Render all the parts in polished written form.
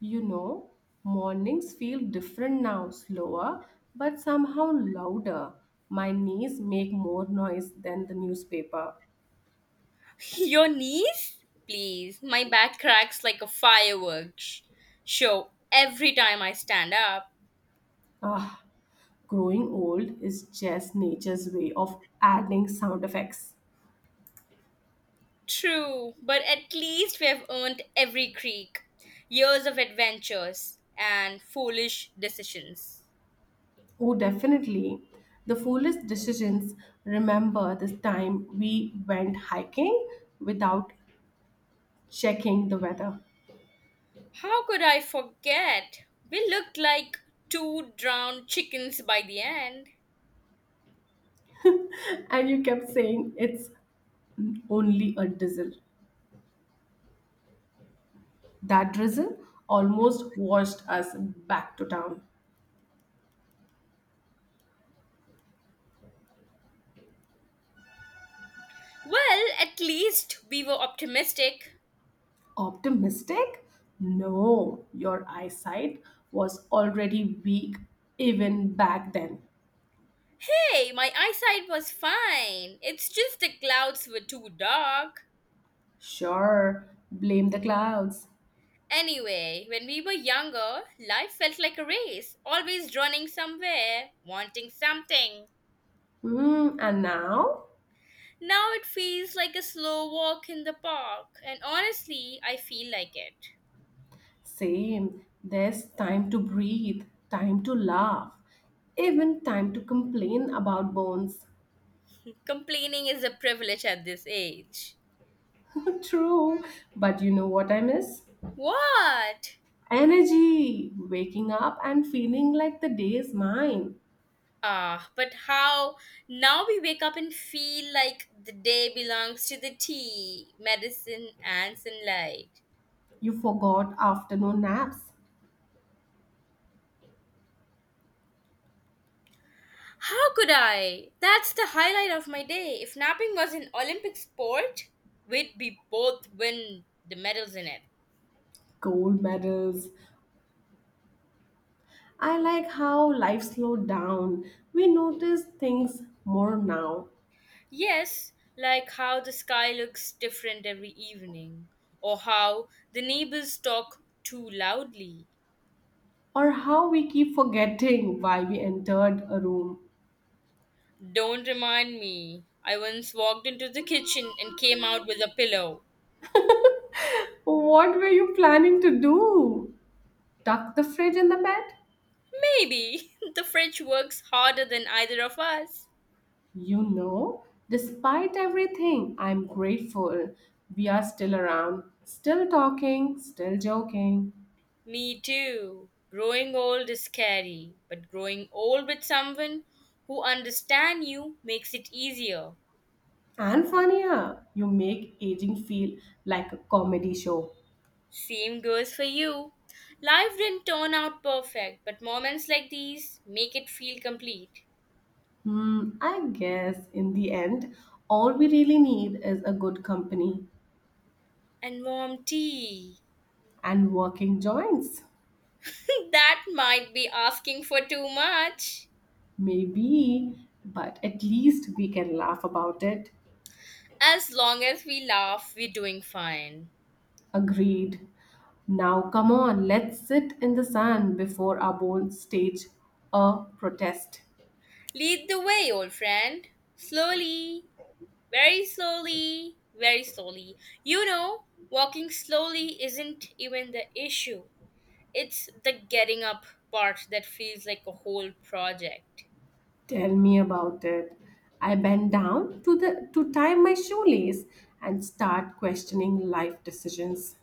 You know, mornings feel different now, slower, but somehow louder. My knees make more noise than the newspaper. Your knees? Please, my back cracks like a fireworks show every time I stand up. Ah, growing old is just nature's way of adding sound effects. True, but at least we have earned every creak, years of adventures, and foolish decisions. Oh, definitely. The foolish decisions remember this time we went hiking without checking the weather. How could I forget? We looked like two drowned chickens by the end. And you kept saying it's only a drizzle. That drizzle almost washed us back to town. Well, at least we were optimistic. Optimistic? No, your eyesight was already weak even back then. Hey, my eyesight was fine. It's just the clouds were too dark. Sure, blame the clouds. Anyway, when we were younger, life felt like a race, always running somewhere, wanting something. Hmm, and now? Now it feels like a slow walk in the park, and honestly, I feel like it. Same, there's time to breathe, time to laugh, even time to complain about bones. Complaining is a privilege at this age. True, but you know what I miss? What? Energy, waking up and feeling like the day is mine. Ah, but how? Now we wake up and feel like the day belongs to the tea, medicine, and sunlight. You forgot afternoon naps, How could I? That's the highlight of my day. If napping was an Olympic sport, we'd be both win the medals in it. gold medals. I like how life slowed down. We notice things more now, Yes, like how the sky looks different every evening, or how the neighbors talk too loudly. or how we keep forgetting why we entered a room. Don't remind me. I once walked into the kitchen and came out with a pillow. What were you planning to do? Tuck the fridge in the bed? Maybe the fridge works harder than either of us. You know, despite everything, I'm grateful. We are still around, still talking, still joking. Me too. Growing old is scary, but growing old with someone who understands you makes it easier. And funnier, you make aging feel like a comedy show. Same goes for you. Life didn't turn out perfect, but moments like these make it feel complete. Hmm, I guess in the end, all we really need is a good company And warm tea. and working joints. That might be asking for too much. Maybe, but at least we can laugh about it. As long as we laugh, we're doing fine. Agreed. Now, come on, let's sit in the sun before our bones stage a protest. Lead the way, old friend. Slowly. Very slowly, very slowly. You know, walking slowly isn't even the issue. It's the getting up part that feels like a whole project. Tell me about it. I bend down to tie my shoelace and start questioning life decisions.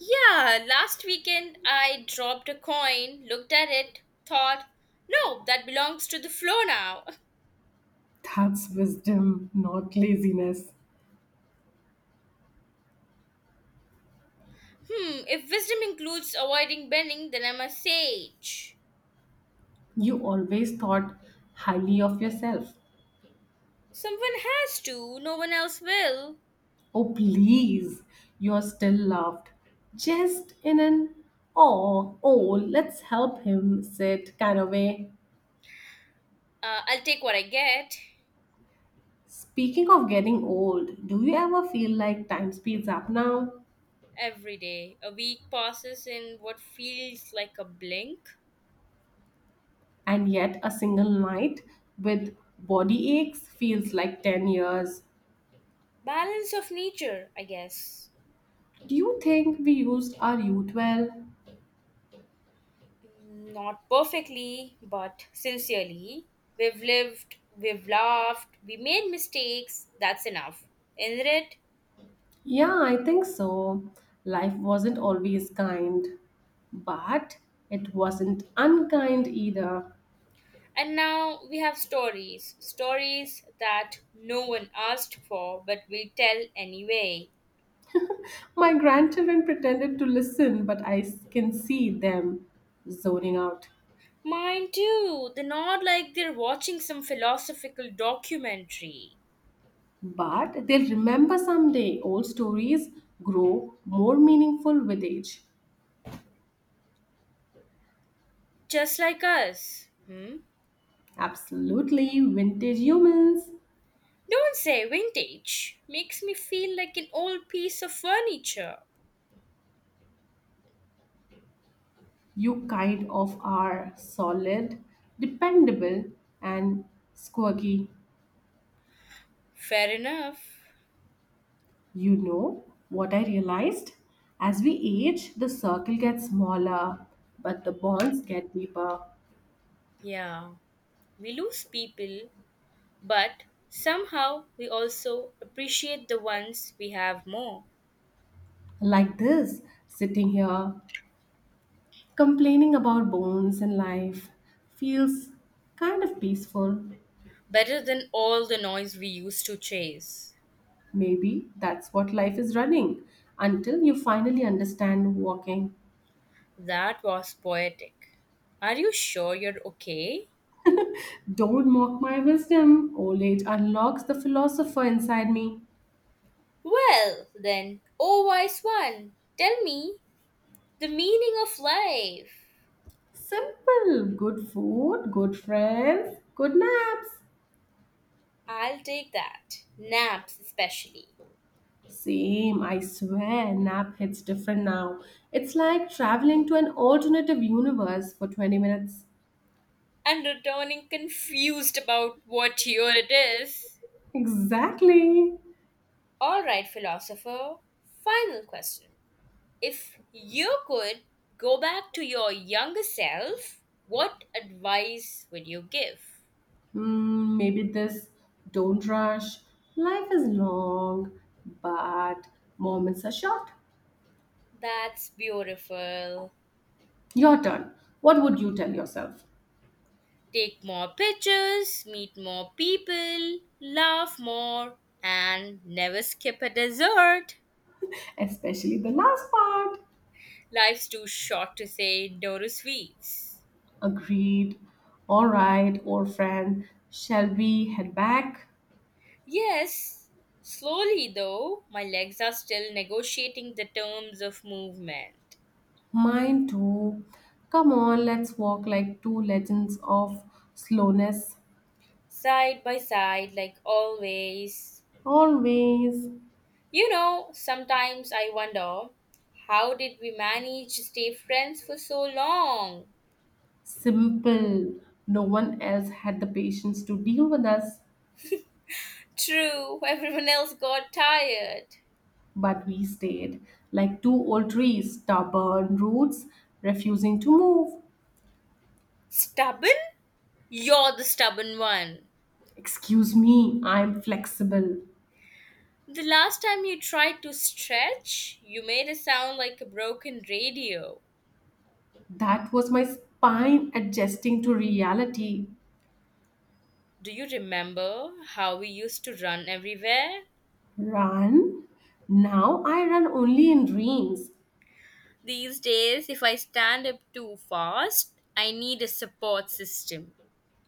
Yeah, last weekend I dropped a coin, looked at it, thought, no, that belongs to the floor now. That's wisdom, not laziness. Hmm, if wisdom includes avoiding bending, then I'm a sage. You always thought highly of yourself. Someone has to, no one else will. Oh, please, you're still loved. Just in an oh, oh, let's help him sit kind of way. I'll take what I get. Speaking of getting old, do you ever feel like time speeds up now? Every day, a week passes in what feels like a blink. And yet, a single night with body aches feels like 10 years. Balance of nature, I guess. Do you think we used our youth well? Not perfectly, but sincerely. We've lived, we've laughed, we made mistakes, that's enough. Isn't it? Yeah, I think so. Life wasn't always kind, but it wasn't unkind either. And now we have stories. Stories that no one asked for, but we tell anyway. My grandchildren pretended to listen, but I can see them zoning out. Mine too. They're not like they're watching some philosophical documentary. But they'll remember someday. Old stories grow more meaningful with age. Just like us. Hmm? Absolutely, vintage humans, Don't say vintage. Makes me feel like an old piece of furniture. you kind of are solid, dependable, and squirky. Fair enough. You know what I realized? As we age, the circle gets smaller, but the bonds get deeper. Yeah, we lose people, but somehow we also appreciate the ones we have more. Like this, sitting here, complaining about bones and life, feels kind of peaceful. Better than all the noise we used to chase. Maybe that's what life is running until you finally understand walking. That was poetic. Are you sure you're okay? Don't mock my wisdom. Old age unlocks the philosopher inside me. Well, then, oh wise one, tell me the meaning of life. Simple. Good food, good friends, good naps. I'll take that. Naps, especially. Same, I swear, nap hits different now. It's like traveling to an alternative universe for 20 minutes. And returning confused about what year it is. Exactly. All right, philosopher, final question. If you could go back to your younger self, what advice would you give? Hmm, maybe this don't rush. Life is long, but moments are short. That's beautiful. Your turn. What would you tell yourself? Take more pictures, meet more people, laugh more, and never skip a dessert. Especially the last part. Life's too short to say no to sweets. Agreed. All right, old friend. Shall we head back? Yes, slowly though, my legs are still negotiating the terms of movement. Mine too. Come on, let's walk like two legends of slowness. Side by side, like always. Always You know, sometimes I wonder, how did we manage to stay friends for so long? simple. No one else had the patience to deal with us, True, everyone else got tired. but we stayed like two old trees, stubborn roots, refusing to move. Stubborn? You're the stubborn one. Excuse me, I'm flexible. The last time you tried to stretch, you made a sound like a broken radio. That was my spine adjusting to reality. Do you remember how we used to run everywhere? Run? Now I run only in dreams. These days, if I stand up too fast, I need a support system.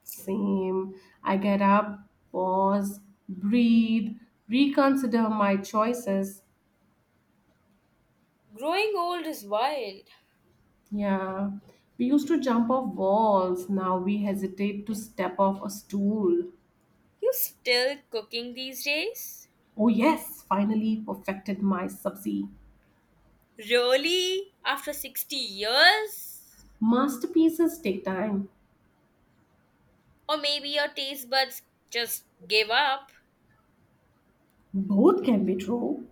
Same. I get up, pause, breathe, reconsider my choices. Growing old is wild. Yeah. We used to jump off walls. Now we hesitate to step off a stool. You still cooking these days? Oh, yes, finally perfected my subsea. Really? After 60 years? Masterpieces take time. Or maybe your taste buds just gave up? Both can be true.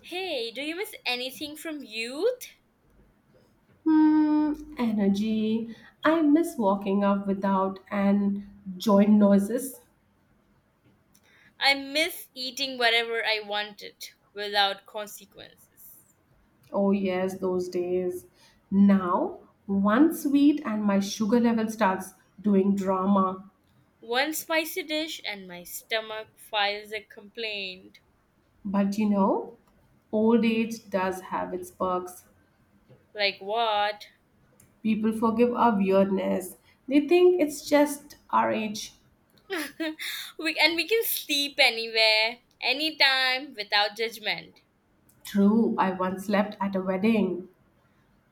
Hey, do you miss anything from youth? Hmm, energy. I miss walking up without and joint noises. I miss eating whatever I wanted without consequences. Oh, yes, those days. Now, one sweet and my sugar level starts doing drama. One spicy dish and my stomach files a complaint. But you know, old age does have its perks. Like what? People forgive our weirdness, they think it's just our age. We can sleep anywhere, anytime without judgment. True, I once slept at a wedding.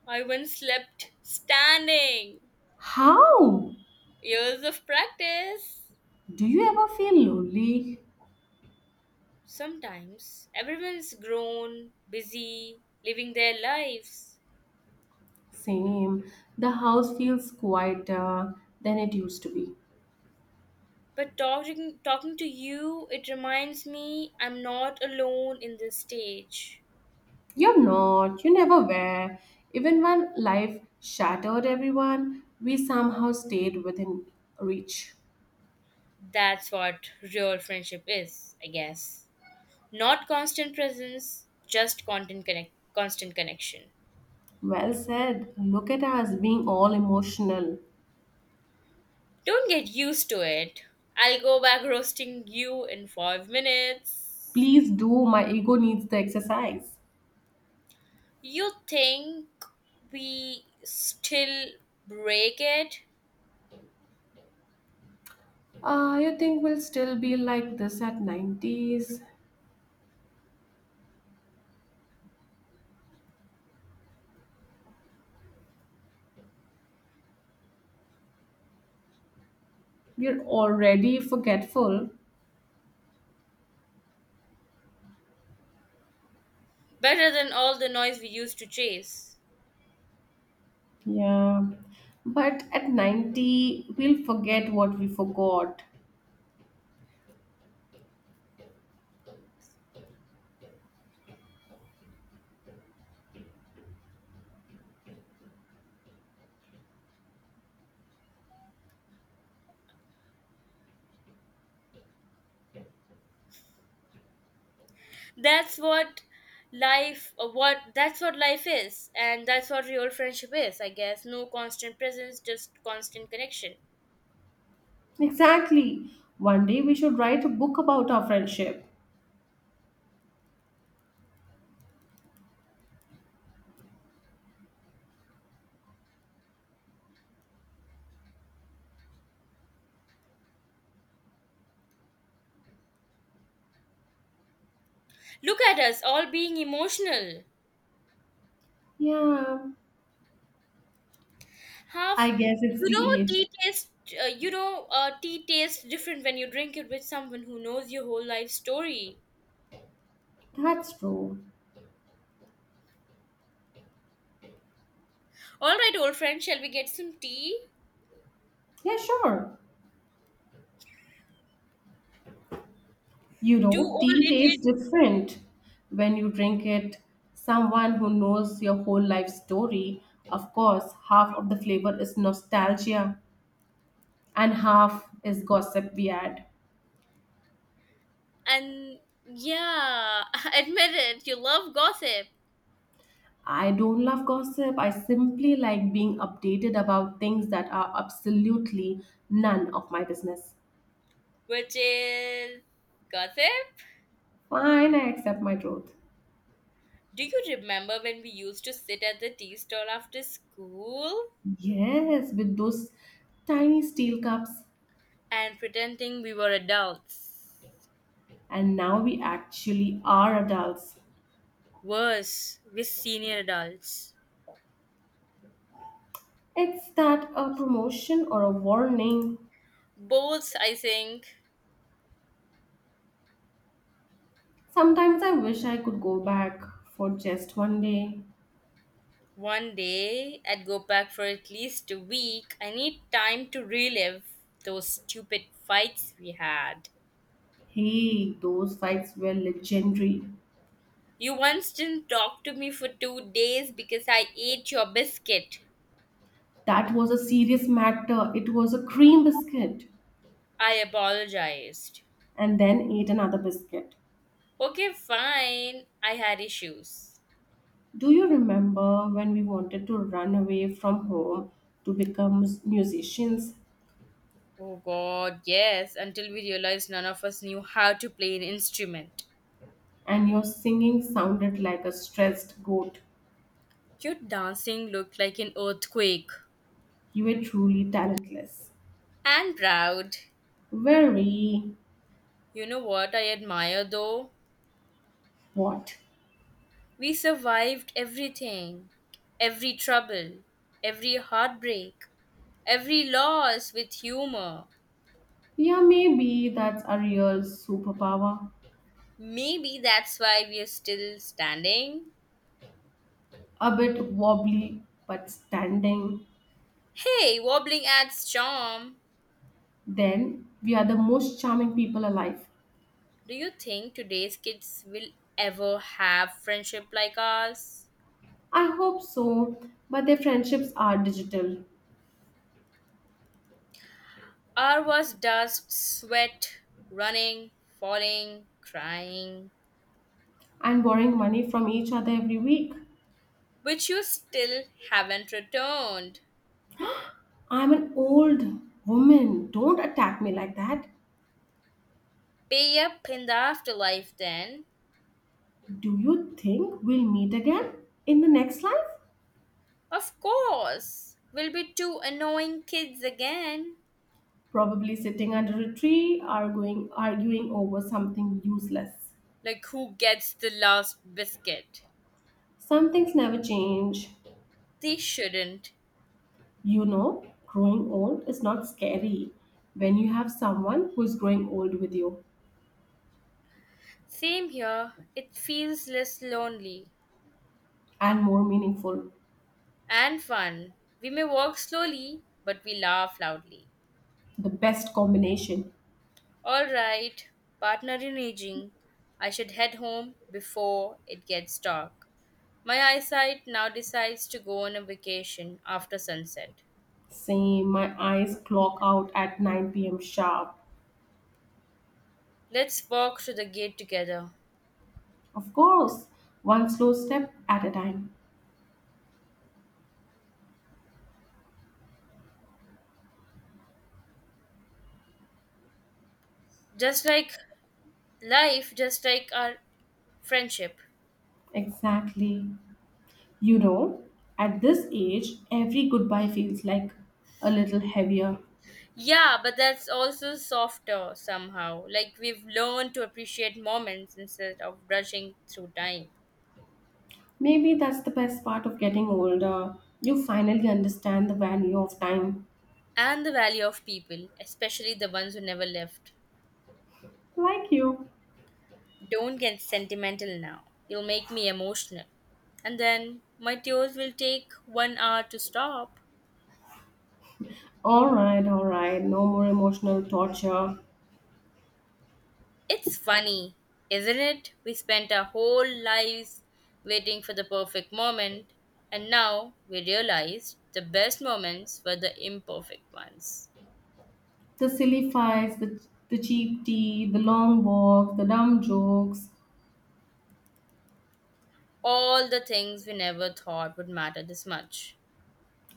I once slept standing. How? Years of practice. Do you ever feel lonely? Sometimes everyone's grown, busy, living their lives. Same. The house feels quieter than it used to be. But talking to you, it reminds me I'm not alone in this stage. You're not, you never were. Even when life shattered everyone, we somehow stayed within reach. That's what real friendship is, I guess. Not constant presence, just content connect, constant connection. Well said. Look at us being all emotional. Don't get used to it. I'll go back roasting you in 5 minutes. Please do, my ego needs the exercise. You think we still break it? You think we'll still be like this at 90s? We're already forgetful. Better than all the noise we used to chase. Yeah. But at 90, we'll forget what we forgot. That's what that's what life is, and that's what real friendship is, I guess. No constant presence, just constant connection. Exactly. One day we should write a book about our friendship. Look at us all being emotional. Yeah, Half I guess it's the age. Tea tastes different when you drink it with someone who knows your whole life story. That's true. All right, old friend, shall we get some tea? Yeah, sure. You Two know, old tea idiots. tastes different when you drink it. Someone who knows your whole life story, of course, half of the flavor is nostalgia and half is gossip we add. And, yeah, admit it, you love gossip. I don't love gossip. I simply like being updated about things that are absolutely none of my business. Which is gossip. Fine, I accept my truth. Do you remember when we used to sit at the tea stall after school Yes, with those tiny steel cups. and pretending we were adults? And now we actually are adults. Worse, with senior adults. It's that a promotion or a warning. Both, I think. Sometimes I wish I could go back for just one day. One day, I'd go back for at least a week. I need time to relive those stupid fights we had. Hey, those fights were legendary. You once didn't talk to me for 2 days because I ate your biscuit. That was a serious matter. It was a cream biscuit I apologized. and then ate another biscuit. Okay, fine. I had issues. Do you remember when we wanted to run away from home to become musicians Oh god, yes, until we realized none of us knew how to play an instrument. and your singing sounded like a stressed goat? Your dancing looked like an earthquake. You were truly talentless. And proud. Very You know what I admire though? what? We survived everything, every trouble, every heartbreak, every loss with humor. Yeah, maybe that's a real superpower. Maybe that's why we're still standing. A bit wobbly, but standing. Hey, wobbling adds charm. Then we are the most charming people alive. Do you think today's kids will ever have friendship like ours? I hope so, but their friendships are digital Our was dust, sweat, running, falling, crying, and borrowing money from each other every week. which you still haven't returned. I'm an old woman. Don't attack me like that. Pay up in the afterlife then. Do you think we'll meet again in the next life? Of course, we'll be two annoying kids again. Probably sitting under a tree, arguing over something useless. Like, who gets the last biscuit? Some things never change. They shouldn't. You know, growing old is not scary when you have someone who is growing old with you Same here, it feels less lonely and more meaningful. and fun. We may walk slowly, but we laugh loudly. The best combination. Alright, partner in aging, I should head home before it gets dark. My eyesight now decides to go on a vacation after sunset. Same, my eyes clock out at 9 p.m. sharp. Let's walk to the gate together. Of course, one slow step at a time. Just like life, just like our friendship. Exactly. You know, at this age, every goodbye feels like a little heavier. Yeah, but that's also softer somehow, like we've learned to appreciate moments instead of rushing through time. Maybe that's the best part of getting older. You finally understand the value of time. And the value of people, especially the ones who never left. Like you. Don't get sentimental now, you'll make me emotional, and then my tears will take one hour to stop. Alright, alright. No more emotional torture. It's funny, isn't it? We spent our whole lives waiting for the perfect moment, and now we realize the best moments were the imperfect ones. The silly fights, the cheap tea, the long walks, the dumb jokes. All the things we never thought would matter this much.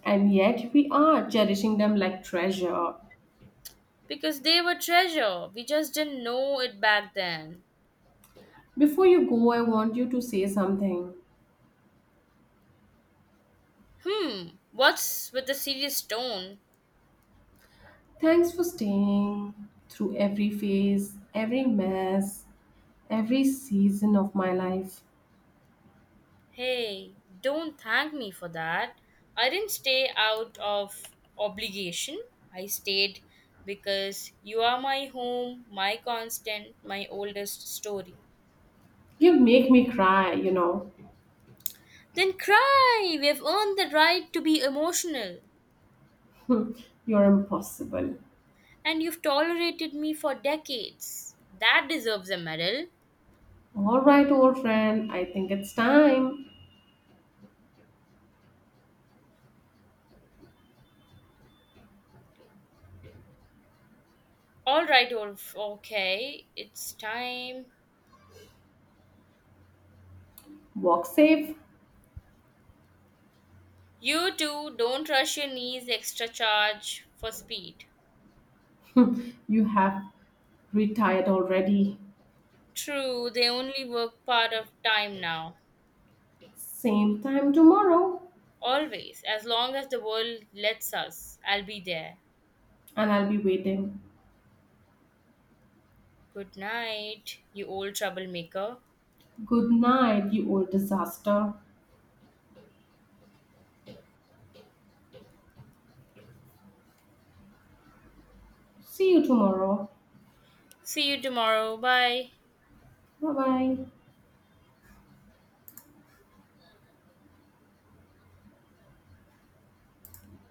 And yet we are cherishing them like treasure. Because they were treasure, we just didn't know it back then. Before you go, I want you to say something. Hmm, what's with the serious tone? Thanks for staying through every phase, every mess, every season of my life. Hey, don't thank me for that. I didn't stay out of obligation. I stayed because you are my home, my constant, my oldest story. You make me cry, you know. Then cry! We've earned the right to be emotional. You're impossible. And you've tolerated me for decades. That deserves a medal. All right, old friend, I think it's time. Alright, okay, it's time. Walk safe. You too, don't rush your knees extra charge for speed. You have retired already. True, they only work part of time now. Same time tomorrow, Always, as long as the world lets us, I'll be there. and I'll be waiting. Good night, you old troublemaker. Good night, you old disaster. See you tomorrow. See you tomorrow. Bye. Bye bye.